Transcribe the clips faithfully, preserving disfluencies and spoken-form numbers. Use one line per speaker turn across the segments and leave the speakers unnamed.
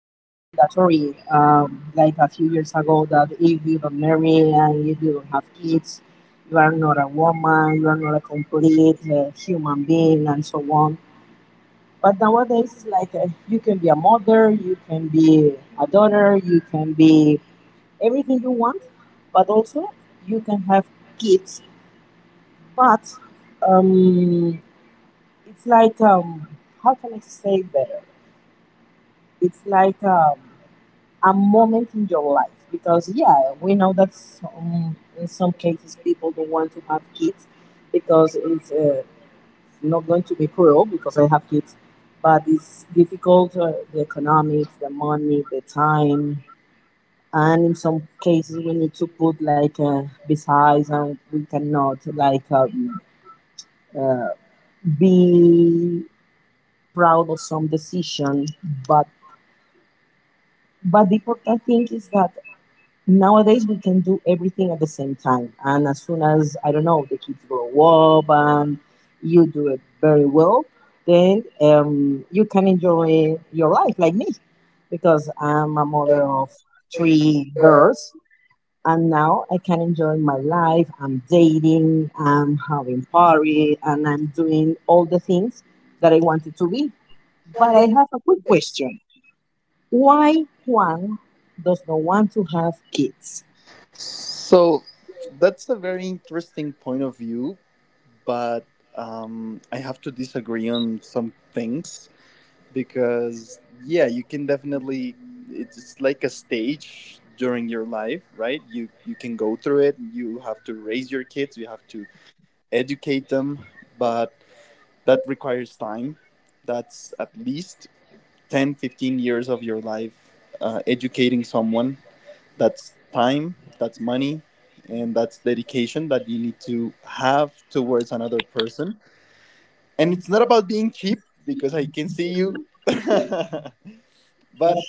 mandatory, um, like a few years ago, that if you don't marry and if you don't have kids, you are not a woman, you are not a complete uh, human being, and so on. But nowadays, it's like uh, you can be a mother, you can be a daughter, you can be everything you want, but also you can have kids. But um, it's like, um, how can I say better? It's like, um, a moment in your life, because yeah, we know that some, in some cases people don't want to have kids because it's uh, not going to be cruel because I have kids, but it's difficult, uh, the economics, the money, the time. And in some cases we need to put like uh, besides, and we cannot like, um, uh, be proud of some decision, but but the important thing is that nowadays, we can do everything at the same time. And as soon as, I don't know, the kids grow up and you do it very well, then um, you can enjoy your life like me, because I'm a mother of three girls. And now I can enjoy my life. I'm dating, I'm having party, and I'm doing all the things that I wanted to be. But I have a quick question. Why Juan does not want to have kids? So.
So, that's a very interesting point of view, but um, I have to disagree on some things because yeah, you can definitely, it's it's like a stage during your life, right? you you can go through it. You have to raise your kids, you have to educate them, but that requires time. That's at least ten, fifteen years of your life uh, educating someone. That's time, that's money, and that's dedication that you need to have towards another person. And it's not about being cheap because I can see you but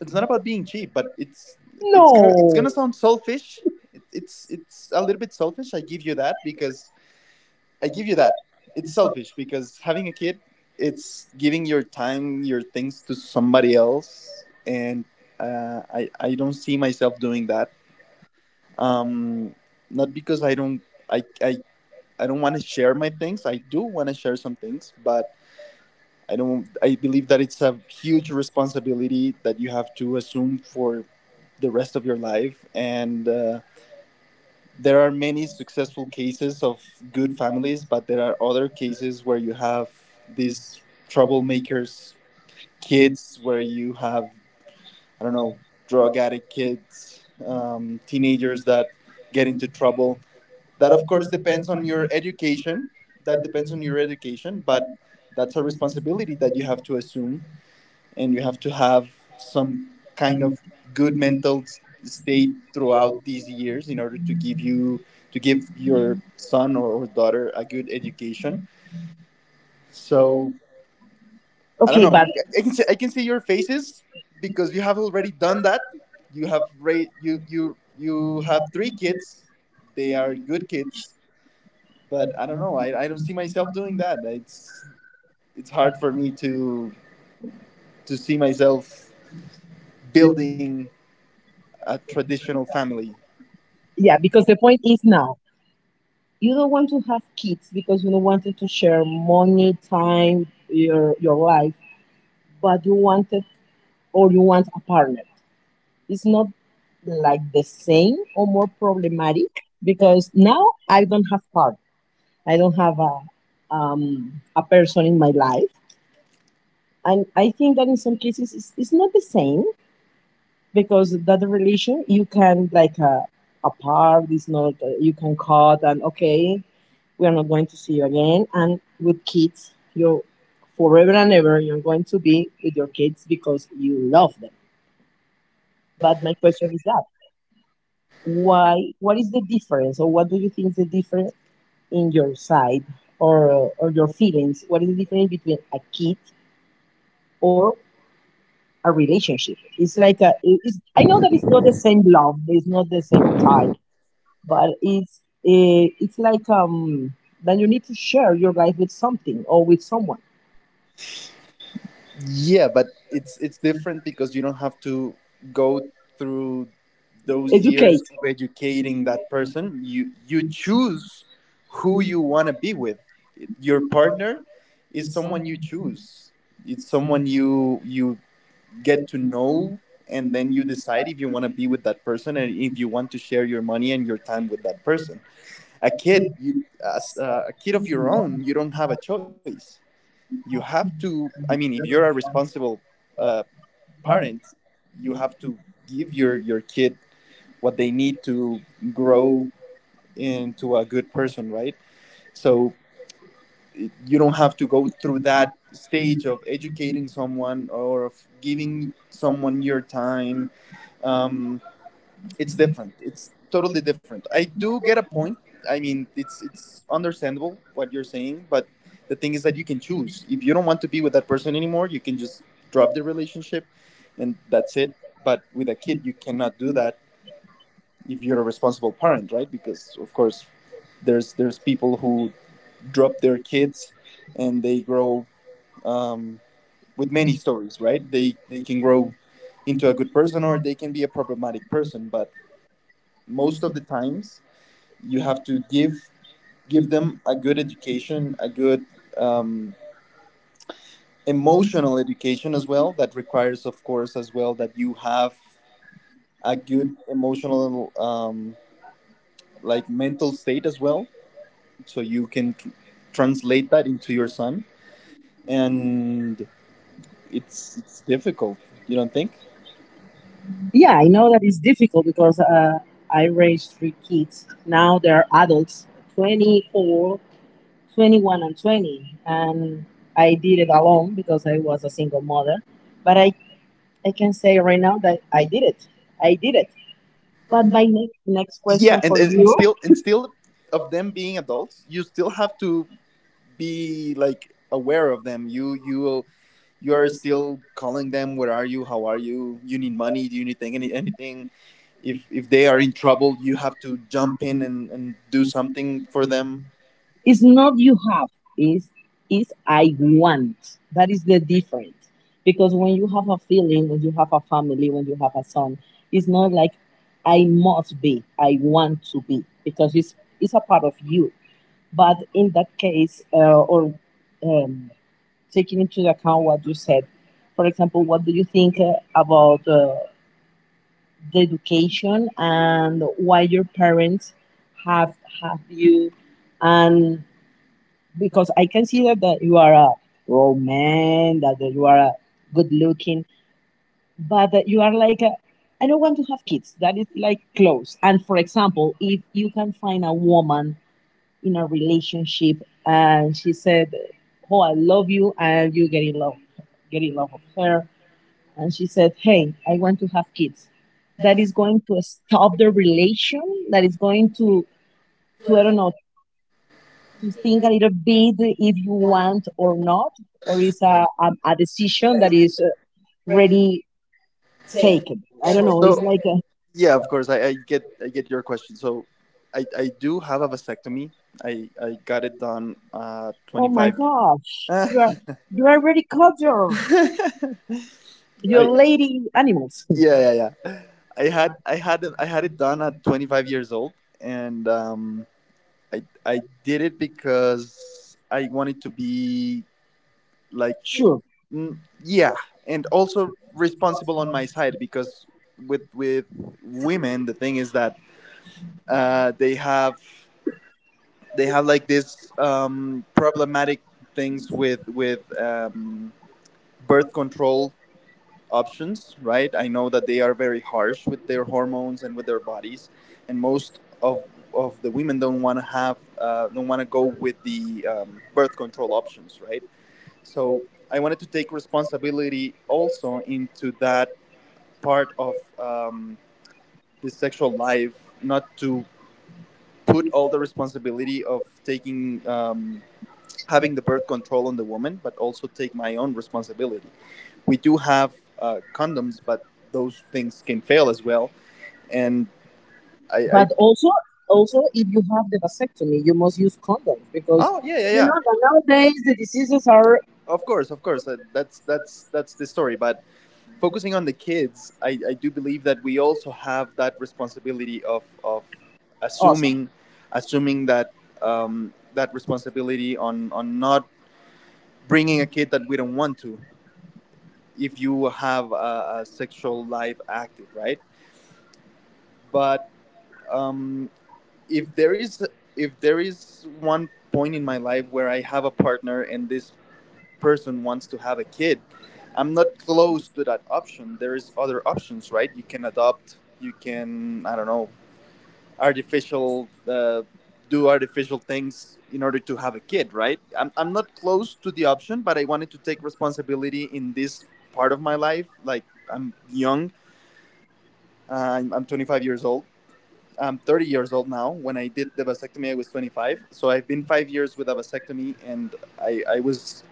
it's not about being cheap, but it's it's gonna it's
No.
gonna sound selfish. It, it's it's a little bit selfish. I give you that because I give you that. It's selfish because having a kid, it's giving your time, your things to somebody else, and uh, I I don't see myself doing that. Um, not because I don't I I, I don't want to share my things. I do want to share some things, but I don't. I believe that it's a huge responsibility that you have to assume for the rest of your life. And uh, there are many successful cases of good families, but there are other cases where you have these
These government
troublemakers kids,
kids,
where
or
you have, I don't
uh,
know,
drug
drug addict
addicts,
kids, um, teenagers that get into
that,
trouble. That, of
of
course,
course,
depends
depends on
on
you,
your
that
education.
depends
That
on
depends on your education,
your, but
but that's
that's
a
a
responsibility
responsibility
that
that
you
you
have to
have to
assume,
take.
and you have to have some
Some
kind
kind of
of good
good mental
mental s- state
state, or
throughout
out
these
of.
years in order to give you to give your son or, or daughter a good education. So
So.
I don't
Okay,
know,
but
I I can see, I can see your faces because you have already done that. You have ra- you you you have three kids, they are good kids, but I don't know, i, I don't see myself doing that. it's it's hard for me to to see myself building a traditional family.
yeah, because the point is now you don't want to have kids because you don't want to share money, time, your your life, but you wanted, or you want a partner. It's not like the same or more problematic, because now I don't have partner. I don't have a um, a person in my life, and I think that in some cases it's, it's not the same, because that relation you can like uh, apart. It's not, uh, you can cut and okay, we are not going to see you again. And with kids, you're forever and ever, you're going to be with your kids because you love them. But my question is that, why, what is the difference, or what do you think is the difference in your side, or or your feelings? What is the difference between a kid or a relationship? It's like a, it's, I know that it's not the same love, it's not the same type, but it's eh, it's like um that you need to share your life with something or with someone.
Yeah, but it's it's different because you don't have to go through those
Educate.
years of educating that person. You you choose who you want to be with. Your partner is
Is
someone
someone
you
you choose.
choose. It's
It's someone
someone
that you
you you get
get
to
to know,
know, and
and
then you
you
decide
start
if you
to
want to be
relate.
with that person and if you want to share your money and your time with that person. A
I
kid,
think
you, as
that's a
uh, a kid of
huge
your own,
wrong
you don't
in
have
how
a
it works.
choice. You
You have
have
to,
to, I
I.
mean, if you're a
Very responsible.
responsible
Uh,
uh, parent,
Clients.
you
You
have
have to
to give
give
your
your
your kid what
what they
they
need
need to
to grow
grow
into
into
that.
a good person, right?
So it
So it- you don't have to go through
can have
that
things
stage
or
of
everything
educating
from
someone or of giving
you,
someone
someone,
your time,
um,
um, it's different. It's totally different. I do get a point. I mean, it's it's understandable what you're saying, but the thing is that you can choose. If you don't want to be with that person anymore, you can just drop the relationship, and that's it. But with a kid, you cannot do that if you're a responsible parent, right? Because of course, there's there's people who drop their kids, and they grow um, with many stories, right? They they can grow into a good person, or they can be a problematic person, but most of the times you have to give give them a good
thank
education, a good
you.
um, emotional
Emotionally,
education as well. That requires, of course, as well, that you have a good
like
emotional um, like mental
like
state as well so you can tr- translate that into your son.
um,
And it's it's difficult, you don't think?
yeah, I know that it's difficult because uh, I raised three kids. Now they're adults, twenty-four, twenty-one, and twenty. And I did it alone because I was a single mother. But I, I can say right now that I did it. I did it. But my next, next
Yeah,
question
and,
for
and, and
you,
still and still of them being adults, you still have to be like aware of them. you you you are still calling them, where are you, how are you, you need money, do you need thing, any, anything. if if they are in trouble, you have to jump in and, and do something for them.
it's not you have, it's, it's I want. That is the difference. Because when you have a feeling, when you have a family, when you have a son, it's not like I must be, I want to be, because it's, it's a part of you. But in that case, uh, or, um, taking into account what you said, for example, what do you think uh, about uh, the education and why your parents have have you? And because I consider that you are a grown man, that you are a good looking, but that you are like a, I don't want to have kids. That is like close. And for example, if you can find a woman in a relationship and she said, "Oh, I love you," and you get in love, get in love with her, and she said, "Hey, I want to have kids," that is going to stop the relation. That is going to, to I don't know, to think a little bit if you want or not, or is a, a, a decision that is already taken. I don't know. It's
So
like, a,
yeah, of course, I, I get I get your question. So i i do have a vasectomy. I i got it done uh
oh my
twenty-five
gosh, you are, you are already caught your,
I,
your lady animals.
yeah yeah yeah, i had i had it- I had it done at twenty-five years old, and um, I I did it because I wanted to be like
Sure.
mm, yeah, and also responsible on my side because with with women, the thing is that uh, they have they have like this um, problematic things with with um, birth control options, right? I know that they are very harsh with their hormones and with their bodies, and most of of the women don't want to have uh, don't want to go with the um, birth control options, right? So I wanted to take responsibility also into that part of um, the sexual life, not to put all the responsibility of taking um, having the birth control on the woman, but also take my own responsibility. We do have uh, condoms, but those things can fail as well. And I, I
But also, also, if you have the vasectomy, you must use condoms, because
oh yeah yeah
you know
yeah,
that nowadays the diseases are
of course, of course, that, that's that's that's the story. But focusing on the kids, I, I do believe that we also have that responsibility of of
awesome.
assuming assuming that um, that responsibility on on not bringing a kid that we don't want to, if you have a, a sexual life active, right? But um, if there is if there is one point in my life where I have a partner and this person wants to have a kid, I'm not closed to that option. There is other options, right? You can adopt. You can, I don't know, artificial uh, do artificial things in order to have a kid, right? I'm I'm not close to the option, but I wanted to take responsibility in this part of my life. Like I'm young. Uh, I'm, I'm twenty-five years old. I'm thirty years old now. When I did the vasectomy, I was twenty-five. So I've been five years with a vasectomy, and I, I was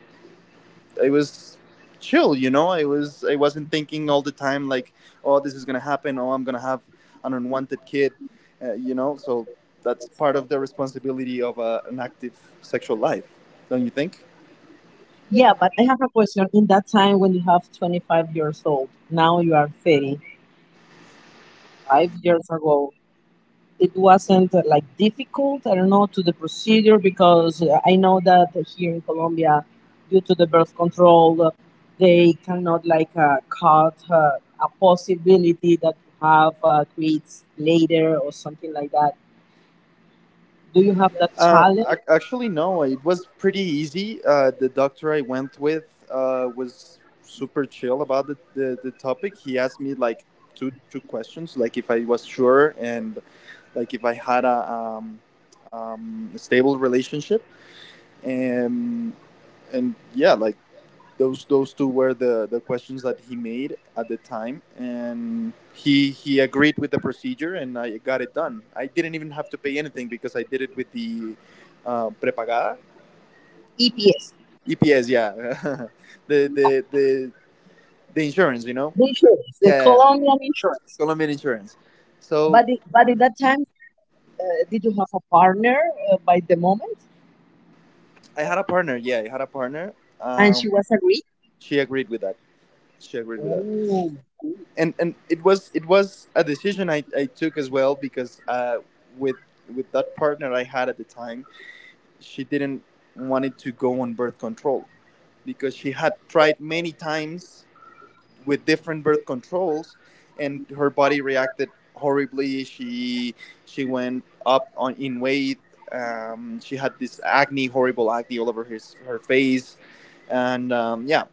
I was chill. You know, I was, I wasn't thinking all the time like, oh, this is gonna happen. Oh, I'm gonna have an unwanted kid. Uh, you know, so that's part of the responsibility of uh, an active sexual life, don't you think?
Yeah, but I have a question. In that time when you have twenty-five years old, now you are thirty, five years ago, it wasn't uh, like difficult, I don't know, to the procedure, because uh, I know that here in Colombia, due to the birth control, uh, they cannot like uh, cut, uh, a possibility that you have, uh, creates later or something like that. Do you have that
Uh,
challenge?
ac- actually, no. It was pretty easy. Uh, the doctor I went with uh, was super chill about the, the, the topic. He asked me like two two questions, like if I was sure, and like if I had a um, um, stable relationship, and and yeah, like those those two were the the questions that he made at the time, and he he agreed with the procedure, and I got it done. I didn't even have to pay anything because I did it with the uh, prepagada,
E P S,
EPS, yeah the, the the the insurance, you know.
the insurance, the
Yeah, yeah, yeah.
Colombian insurance.
Colombian insurance. So
But i- but at that time, uh, did you have a partner uh, by the moment?
I had a partner, yeah, I had a partner,
And
um,
she was agreed.
she agreed with that She agreed with that.
Oh,
and and it was, it was a decision I, I took as well because uh, with with that partner I had at the time, she didn't wanted to go on birth control because she had tried many times with different birth controls, and her body reacted horribly. She she went up on in weight. Um, she had this acne, horrible acne all over his her face, and um, yeah,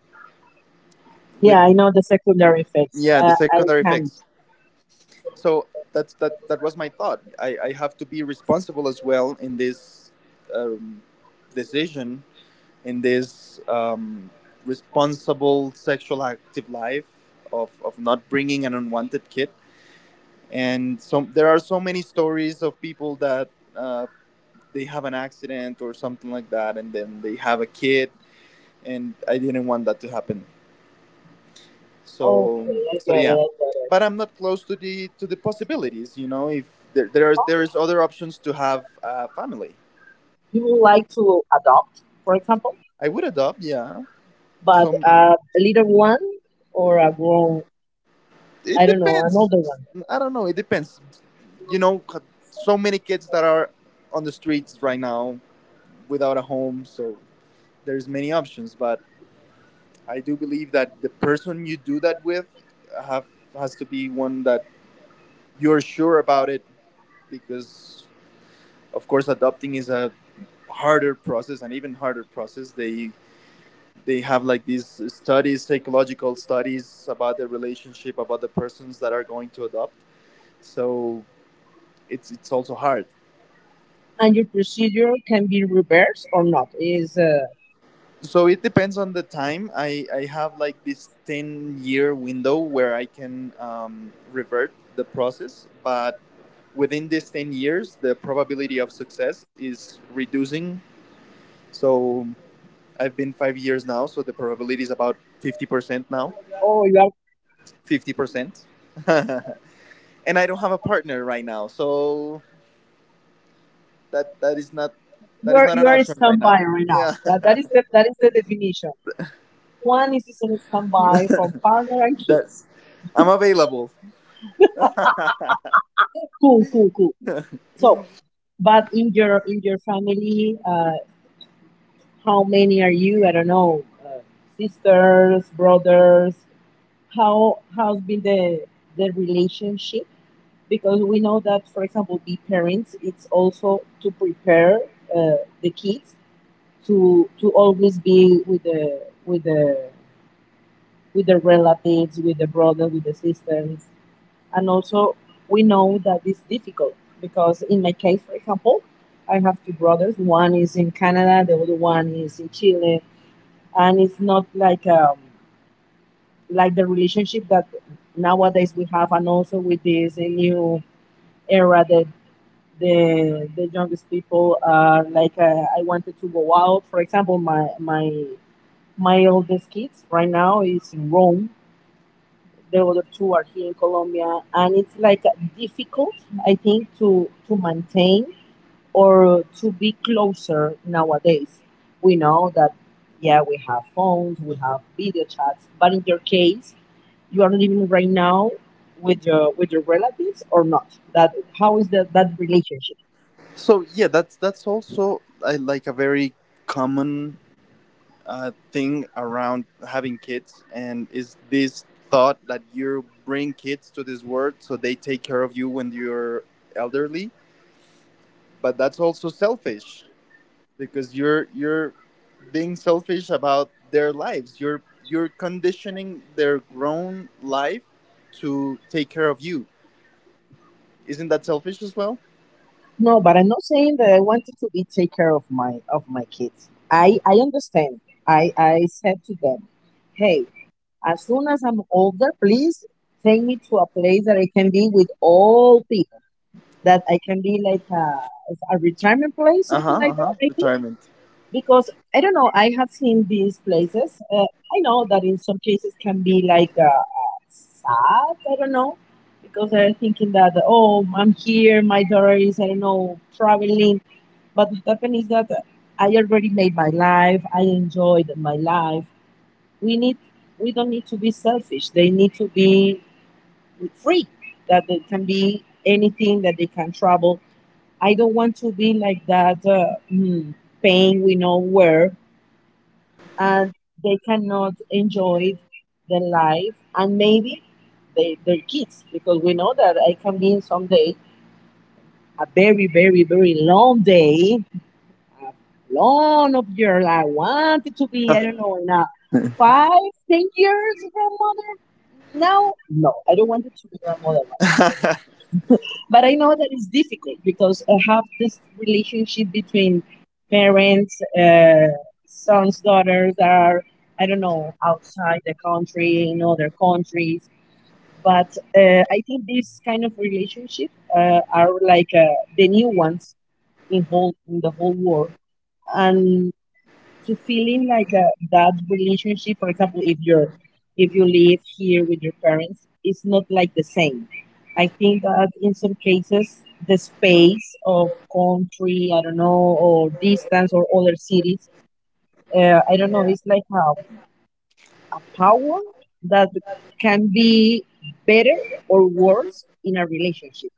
with
yeah, I know the secondary effects.
yeah, the
Uh, I
secondary
can't.
effects. So that's that that was my thought. I i have to be responsible as well in this um, decision, in this um, responsible sexual active life, of of not bringing an unwanted kid. And so there are so many stories of people that uh, they have an accident or something like that, and then they have a kid, and I didn't want that to happen. So
Okay, I
so
get
yeah,
it. I
but I'm
get
not close to the to the
it.
possibilities. You know, if there there is there is other options to have a family,
You would like to adopt, for example,
I would adopt. Yeah,
but
some
uh, a little one, or a grown,
it
I don't know, an older
depends.
one.
I don't know. It depends. You know, c- so many kids that are on the streets right now without a home. So there's many options, but I do believe that the person you do that with have has to be one that you're sure about it because of course adopting is a harder process and even harder process they they have like these studies, psychological studies about the relationship about the persons that are going to adopt, so it's it's also hard.
And your procedure can be reversed or not? Is, uh,
So it depends on the time. I i have like this ten year window where I can um, revert the process, but within these ten years the probability of success is reducing. So I've been five years now, so the probability is about fifty percent now.
oh, you are
fifty percent. And I don't have a partner right now, so that that is not
you
that is
are
not
you
an
are a
option right now.
standby right now.
Yeah.
That that is the that is the definition. One is a standby for partner and
That's,
kids.
I'm available.
Cool, cool, cool. So. But in your in your family, uh, how many are you? I don't know, uh, sisters, brothers. How how's been the the relationship? Because we know that, for example, be parents. It's also to prepare uh, the kids to to always be with the with the with the relatives, with the brother, with the sisters. And also, we know that it's difficult, because in my case, for example, I have two brothers. One is in Canada, the other one is in Chile, and it's not like um like the relationship that nowadays we have, and also with this uh, new era that the the youngest people are like. Uh, I wanted to go out. For example, my my my oldest kids right now is in Rome, the other two are here in Colombia, and it's like difficult, I think, to to maintain, or to be closer nowadays. We know that, yeah, we have phones, we have video chats, but in your case, you are living right now with your with your relatives or not? That. How is that that relationship?
So yeah, that's that's also uh, like a very common uh, thing around having kids, and is this thought that you bring kids to this world so they take care of you when you're elderly, but that's also selfish because you're you're being selfish about their lives. You're you're conditioning their grown life to take care of you. Isn't that selfish as well?
No, but I'm not saying that I wanted to be take care of my of my kids. I I understand. I I said to them, "Hey, as soon as I'm older, please take me to a place that I can be with all people, that I can be like a, a retirement place,
Uh
something
huh. Uh
like that,
huh.
maybe."
Retirement.
Because I don't know, I have seen these places. Uh, I know that in some cases can be like uh, uh, sad, I don't know, because they're thinking that, oh, I'm here, my daughter is, I don't know, traveling. But what happened is that I already made my life, I enjoyed my life, we need we don't need to be selfish, they need to be free, that they can be anything, that they can travel. I don't want to be like that, uh, mm, pain we know where, and they cannot enjoy their life, and maybe they, their kids, because we know that it can be in someday a very very very long day, a long of years. I wanted to be, I don't know, in a five, ten years grandmother. Now, no, I don't want it to be grandmother. But I know that it's difficult because I have this relationship between parents, uh, sons, daughters that are, I don't know, outside the country, in other countries. But uh, I think these kind of relationship uh, are like uh, the new ones in whole in the whole world, and to feeling like uh, that relationship, for example, if you're, if you live here with your parents, it's not like the same. I think that in some cases the space of country, I don't know, or distance or other cities, uh, I don't know, it's like a power that can be better or worse in a relationship.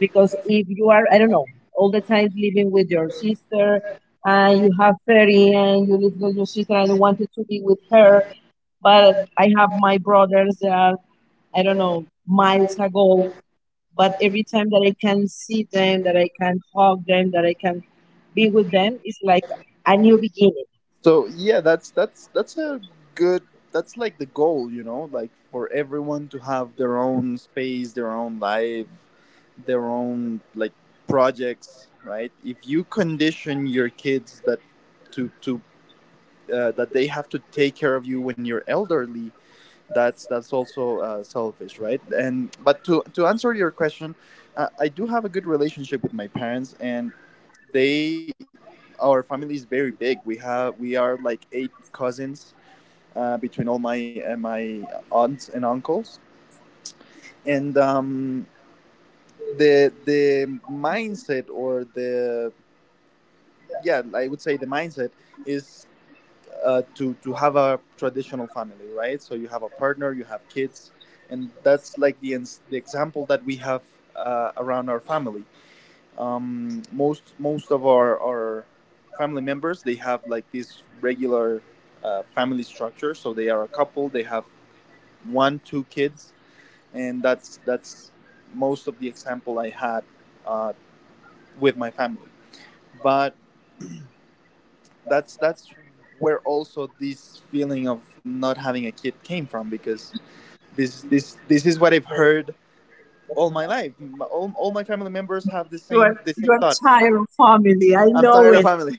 Because if you are, I don't know, all the time living with your sister and you have thirty and you live with your sister and you wanted to be with her, but I have my brothers that are, I don't know, miles ago, but every time that I can see them, that I can hug them, that I can be with them, it's like a new beginning.
So yeah, that's that's that's a good. That's like the goal, you know, like for everyone to have their own space, their own life, their own like projects, right? If you condition your kids that to to uh, that they have to take care of you when you're elderly, that's that's also uh, selfish, right? And but to to answer your question, uh, I do have a good relationship with my parents, and they, our family is very big. We have we are like eight cousins uh, between all my uh, my aunts and uncles. And um, the the mindset or the, yeah, I would say the mindset is uh, to to have a traditional family, right? So you have a partner, you have kids, and that's like the ins- the example that we have uh, around our family. Um, most most of our our family members, they have like this regular uh, family structure. So they are a couple, they have one two kids, and that's that's most of the example I had uh, with my family. But that's that's where also this feeling of not having a kid came from, because this this this is what I've heard all my life. My- All, all my family members have the
You are
same the
you
same
are
thoughts.
tired of family. I
I'm
know
tired of
it.
family.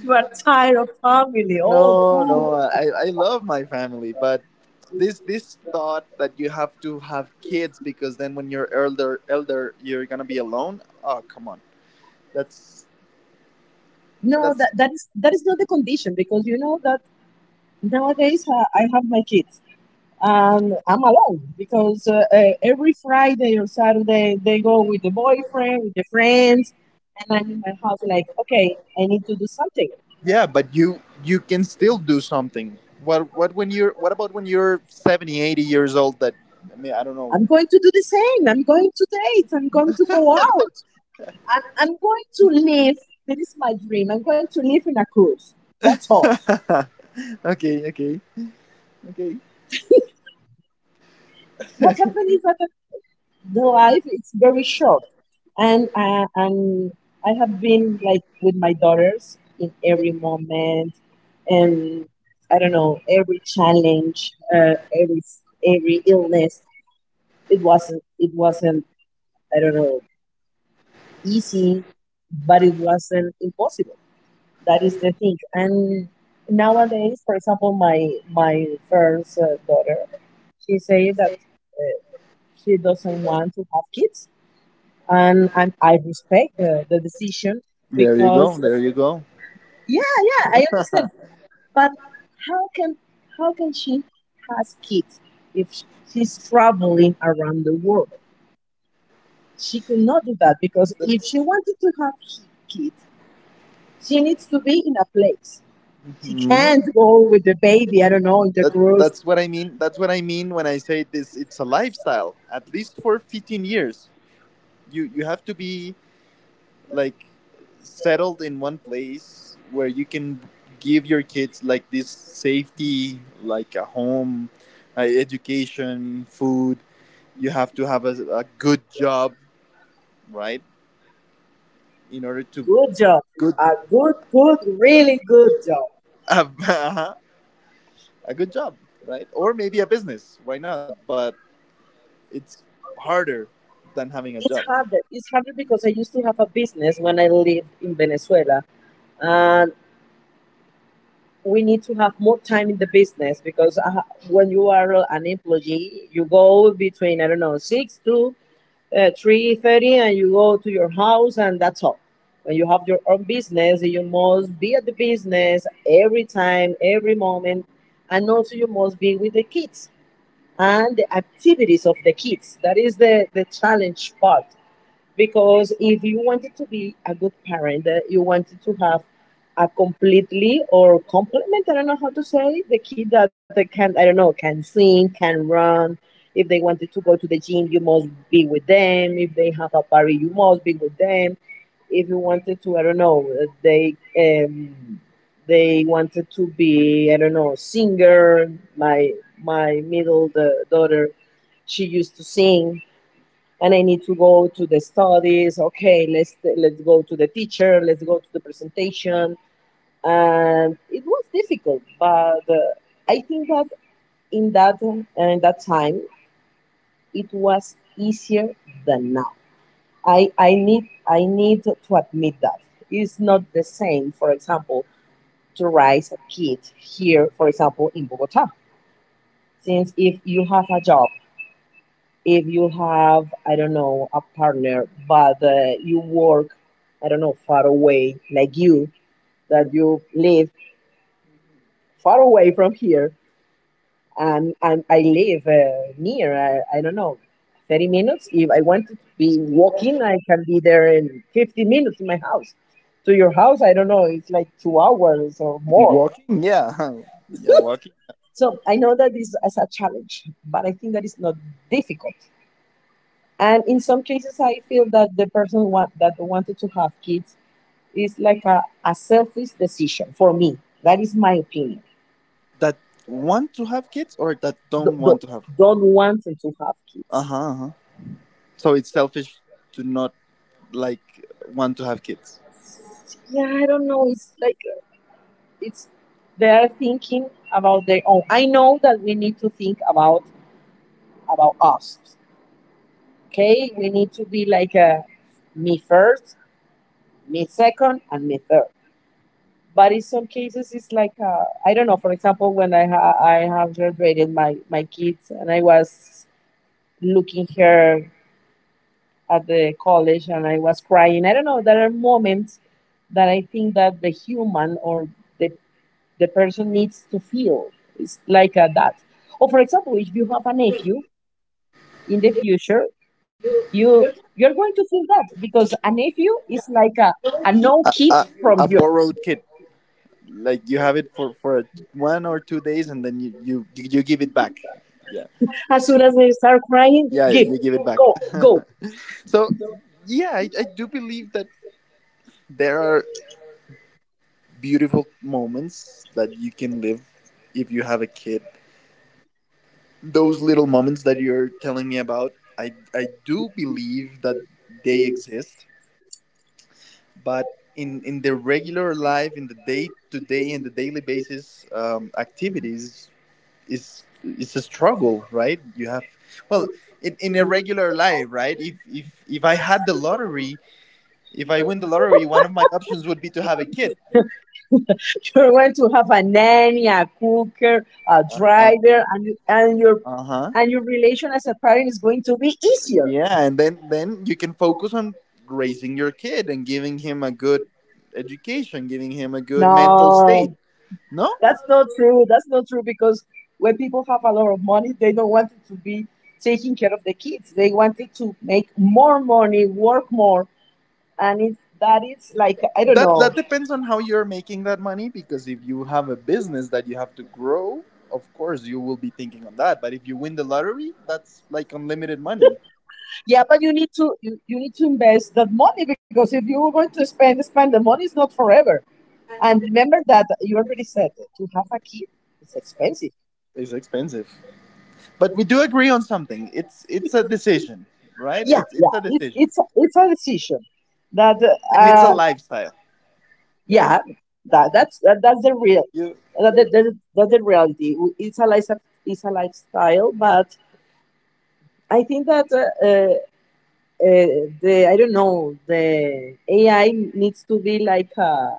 You are tired of family. Oh,
No,
cool.
no, I, I love my family, but this this thought that you have to have kids because then when you're elder elder you're gonna be alone. Oh come on, that's
No,
that's
that, that is that is not the condition, because you know that. Nowadays, uh, I have my kids and I'm alone because uh, uh, every Friday or Saturday they go with the boyfriend, with the friends, and I'm in my house like, okay, I need to do something.
Yeah, but you you can still do something. What what when you're, what about when you're seventy, eighty years old that, I mean I don't know.
I'm going to do the same. I'm going to date. I'm going to go out. I'm, I'm going to live. That is my dream. I'm going to live in a cruise. That's all.
Okay, okay, okay.
What happened is that the life is very short. And uh, and I have been like with my daughters in every moment, and I don't know, every challenge, uh, every every illness. It wasn't it wasn't I don't know, easy, but it wasn't impossible. That is the thing. And nowadays, for example, my my first uh, daughter, she said that uh, she doesn't want to have kids, and and I respect the, the decision
There you go.
because...
There you go.
Yeah, yeah, I understand. But how can, how can she has kids if sh- she's traveling around the world? She could not do that because
That,
if she wanted to have ki- kids, she needs to be in a place. She
mhm.
can't go with the baby, I don't know, in the
that
cruise.
that's what I mean. That's what I mean when I say this, it's a lifestyle. At least for fifteen years. You you have to be like settled in one place where you can give your kids like this safety, like a home, uh, education, food. You have to have a, a good job, right, in order to,
Good job,
good.
a good, good, really good job.
uh, a good job, right? Or maybe a business, why not? But it's harder than having a job.
It's harder. It's harder because I used to have a business when I lived in Venezuela, and we need to have more time in the business because uh, when you are an employee, you go between, I don't know, six to uh, three thirty, and you go to your house, and that's all. When you have your own business, you must be at the business every time, every moment, and also you must be with the kids and the activities of the kids. That is the the challenge part, because if you wanted to be a good parent, uh, you wanted to have a completely or complement, I don't know how to say, the kid that they can, I don't know, can sing, can run. If they wanted to go to the gym, you must be with them. If they have a party, you must be with them. If you wanted to, I don't know, uh, they um, they wanted to be, I don't know, singer. My my middle the daughter, she used to sing and I need to go to the studies. Okay, let's let's go to the teacher. Let's go to the presentation. And it was difficult, but uh, I think that in that uh, in that time it was easier than now. I I need I need to admit that it's not the same. For example, to raise a kid here, for example, in Bogota. Since if you have a job, if you have, I don't know, a partner, but uh, you work, I don't know, far away, like you, that you live far away from here, and, and I live uh, near. I, I don't know, thirty minutes. If I want to be walking, I can be there in fifteen minutes in my house. To your house, I don't know, it's like two hours or more.
Walking, yeah. Yeah, walking.
So I know that is as a challenge, but I think that is not difficult. And in some cases, I feel that the person want, that wanted to have kids, is like a, a selfish decision for me. That is my opinion.
That want to have kids, or that
Do-
don't
do-
want to have.
Don't want to have kids.
Uh-huh, uh-huh. So it's selfish to not like want to have kids.
Yeah, I don't know. It's like uh, it's they are thinking about their own. I know that we need to think about about us. Okay, we need to be like a me first, me second, and me third. But in some cases it's like uh, I don't know, for example when i ha- i have graduated my my kids and I was looking here at the college and I was crying, I don't know, there are moments that I think that the human or the the person needs to feel. It's like uh, that. Or for example, if you have a nephew in the future, you, you're going to feel that, because a nephew is like a, a no
A,
kid
a,
from
a
yours.
borrowed kid, like you have it for for one or two days, and then you you you give it back. Yeah,
As soon as they start crying,
yeah,
give...
you give it back.
go, go.
So yeah, I, I do believe that there are beautiful moments that you can live if you have a kid. Those little moments that you're telling me about, I I do believe that they exist, but in in the regular life in the day to day in the daily basis um, activities, is it's a struggle, right? You have, well, in, in a regular life, right, if if if I had the lottery, if I win the lottery, one of my options would be to have a kid.
You're going to have a nanny, a cooker, a
uh,
driver, and you- and your
uh-huh.
and your relation as a parent is going to be easier.
Yeah, and then then you can focus on raising your kid and giving him a good education, giving him a good mental state.
No,
No,
that's not true. That's not true, because when people have a lot of money, they don't want it to be taking care of the kids. They wanted to make more money, work more, and it, that is like I don't
that
know.
that depends on how you're making that money, because if you have a business that you have to grow, of course you will be thinking on that, but if you win the lottery, that's like unlimited money.
Yeah, but you need to you, you need to invest that money, because if you are going to spend spend the money, it's not forever. And remember that you already said to have a kid is expensive.
It's expensive, but we do agree on something. It's it's a decision, right? it's
Yeah,
it's a
it's
decision,
it's it's a decision that
and it's a
uh,
lifestyle.
yeah, that that's that, that's the real,
You,
that, that, that, that's the reality. It's a life, it's a lifestyle, but I think that uh, uh, the, I don't know, the A I needs to be like a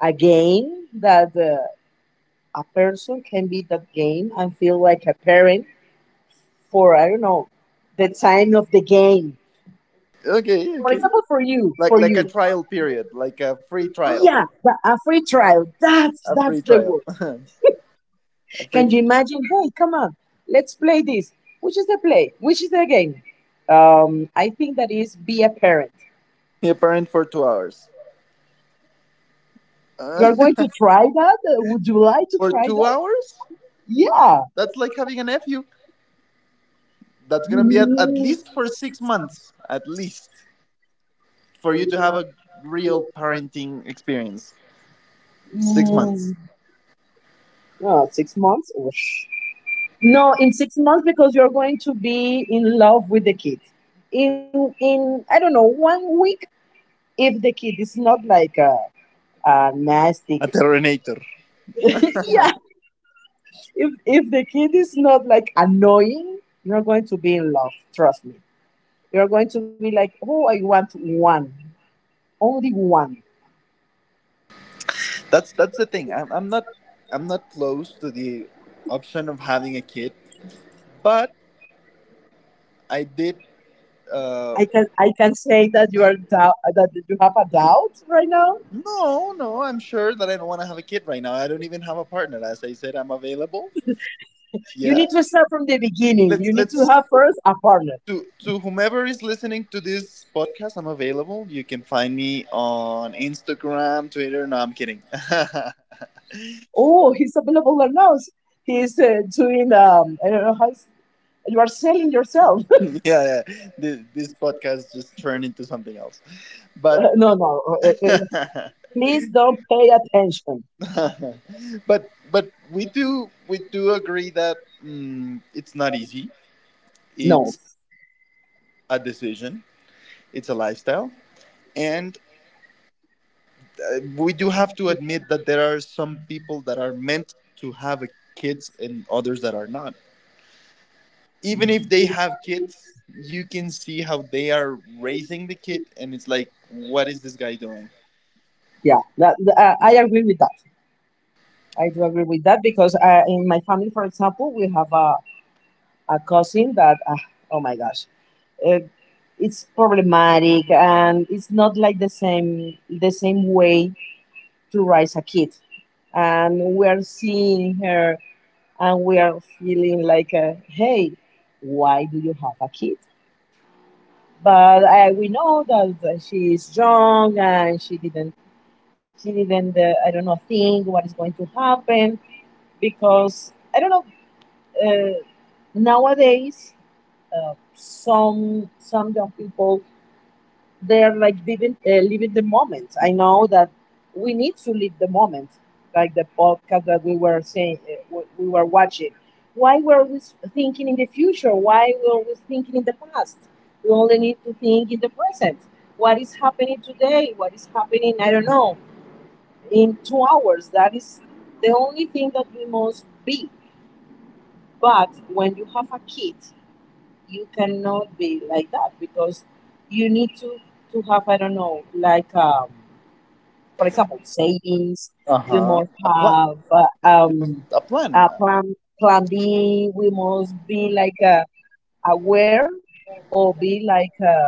a game that uh, a person can be that game and feel like a parent for, I don't know, the time of the game.
okay,
For
okay.
example, for you,
like
for
like a
you,
trial period, like a free trial.
yeah, the- a free trial. That's
A free
that's the
trial.
word.
A free,
Can you imagine? Hey, come on, let's play this. Which is the play? Which is the game? Um, I think that is be a parent.
be a parent for two hours.
You
uh,
are going to try that? Uh, Would you like to
for
try
two
that?
hours
Yeah.
that's like having a nephew, that's gonna be at, at
Mm,
least for six months, at least for you to have a real parenting experience. Six months.
mm, oh, six months? Oosh. No, in six months because you're going to be in love with the kid. In in I don't know one week if the kid is not like a uh nasty.
A terminator.
yeah, if if the kid is not like annoying, you're going to be in love. Trust me, you're going to be like, oh, I want one, only one.
That's that's the thing. i'm, I'm not, I'm not close to the option of having a kid, but I did uh
I can, I can say that you are doubt, that you have a doubt right now.
no, no, I'm sure that I don't want to have a kid right now. I don't even have a partner, as I said, I'm available.
You
Yeah.
need to start from the beginning.
let's
You need to
let's
have first a partner.
to to whomever is listening to this podcast, I'm available. You can find me on Instagram, Twitter. No, I'm kidding.
Oh, he's available or not. He's uh, doing, um, I don't know how you are selling yourself.
Yeah, yeah. This, this podcast just turned into something else. But
No, no. uh, uh, uh, Please don't pay attention.
but but we do we do agree that, mm, it's not easy.
No.
It's a decision. It's a lifestyle, and uh, we do have to admit that there are some people that are meant to have a kids and others that are not. Even if they have kids, you can see how they are raising the kid, and it's like, what is this guy doing?
Yeah, that, th- I I agree with that. I do agree with that because uh, in my family, for example, we have a, a cousin that, uh, oh my gosh, uh, it's problematic and it's not like the same the same way to raise a kid. And we're seeing her and we are feeling like, uh, hey, why do you have a kid? But uh, we know that uh, she is young and she didn't, she didn't, uh, I don't know, think what is going to happen because I don't know. Uh, Nowadays, uh, some some young people, they are like living, uh, living the moment. I know that we need to live the moment, like the podcast that we were saying, uh, w- we were watching. Why we're always thinking in the future? Why we're always thinking in the past? We only need to think in the present. What is happening today? What is happening? I don't know. In two hours, that is the only thing that we must be. But when you have a kid, you cannot be like that, because you need to to have, I don't know, like um for example savings.
Uh
You
huh.
must
A plan.
have uh, um
It was a
a
plan.
plan, plan B. We must be like uh, aware, or be like uh,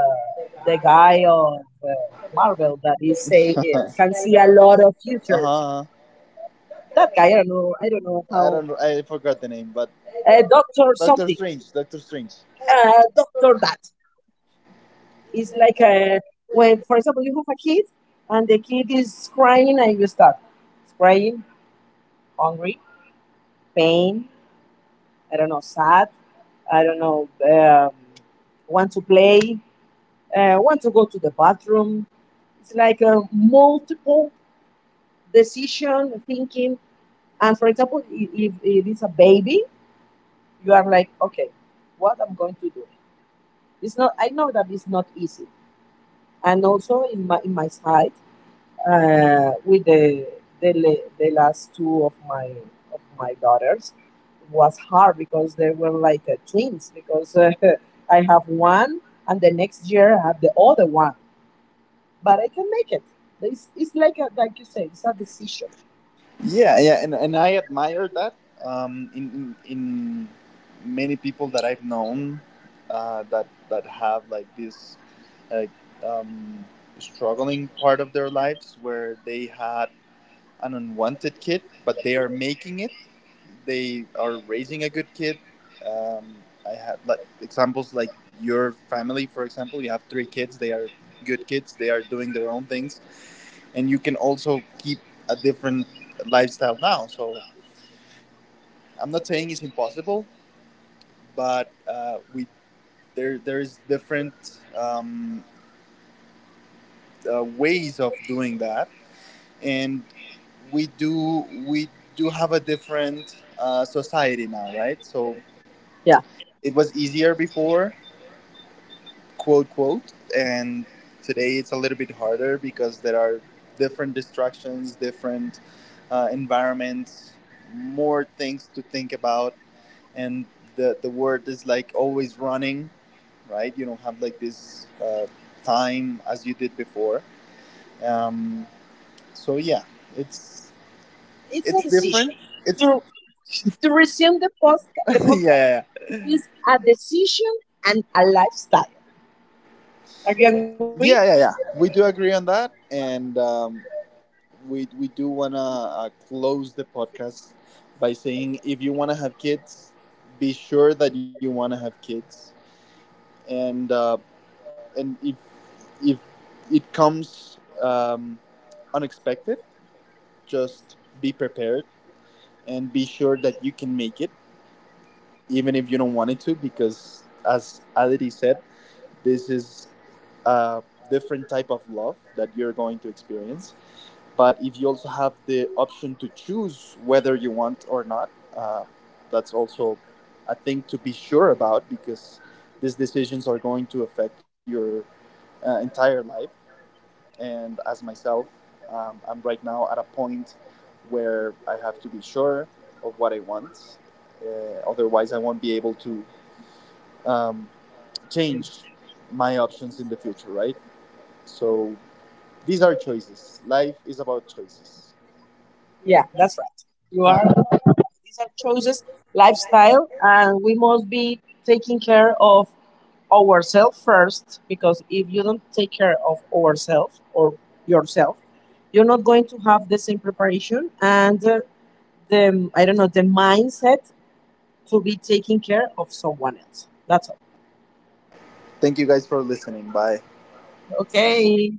the guy of uh, Marvel that is say, uh, can see a lot of
Uh
futures.
huh.
That guy, I don't know, I don't know how
I don't. I forgot the name, but
uh, doctor
Doctor
something,
Strange. Doctor Strange.
uh, doctor that. It's like a, when, for example, you have a kid and the kid is crying and you start crying, hungry, pain, I don't know, sad, I don't know, um, want to play, uh, want to go to the bathroom. It's like a multiple decision thinking. And for example, i- if it is a baby, you are like, okay, what I'm going to do. It's not. I know that it's not easy. And also in my in my side, uh, with the, the la- the last two of my of my daughters. It was hard because they were like uh, twins, because uh, I have one and the next year I have the other one, but I can make it. It's, it's like a, like you said, it's a decision.
Yeah, yeah, and, and I admire that. Um, in, in in many people that I've known, uh, that that have like this, like, um, struggling part of their lives where they had an unwanted kid, but they are making it. They are raising a good kid. Um, I have like examples like your family, for example. You have three kids. They are good kids. They are doing their own things, and you can also keep a different lifestyle now. So I'm not saying it's impossible, but uh, we, there there is different um, uh, ways of doing that, and we do we do have a different uh, society now, right? So
Yeah,
it was easier before, quote quote, and today it's a little bit harder because there are different distractions, different uh, environments, more things to think about, and the the word is like always running, right? You don't have like this uh, time as you did before. Um, so yeah, it's
it's a
it's
decision.
different. It's
To to resume the podcast the
yeah,
podcast
yeah,
is a decision and a lifestyle. Are you agree?
yeah, yeah, yeah. We do agree on that, and. Um, we we do wanna uh, close the podcast by saying, if you wanna have kids, be sure that you wanna have kids, and uh, and if if it comes um, unexpected, just be prepared and be sure that you can make it, even if you don't want it to, because as Aditi said, this is a different type of love that you're going to experience, but if you also have the option to choose whether you want or not, uh, that's also a thing to be sure about, because these decisions are going to affect your uh, entire life. And as myself, um, I'm right now at a point where I have to be sure of what I want. Uh, otherwise I won't be able to um, change my options in the future, right? So these are choices. Life is about choices.
Yeah, that's right. You are... These are choices, lifestyle, and we must be taking care of ourselves first, because if you don't take care of ourselves or yourself, you're not going to have the same preparation and uh, the, I don't know, the mindset to be taking care of someone else. That's all.
Thank you guys for listening. Bye.
Okay.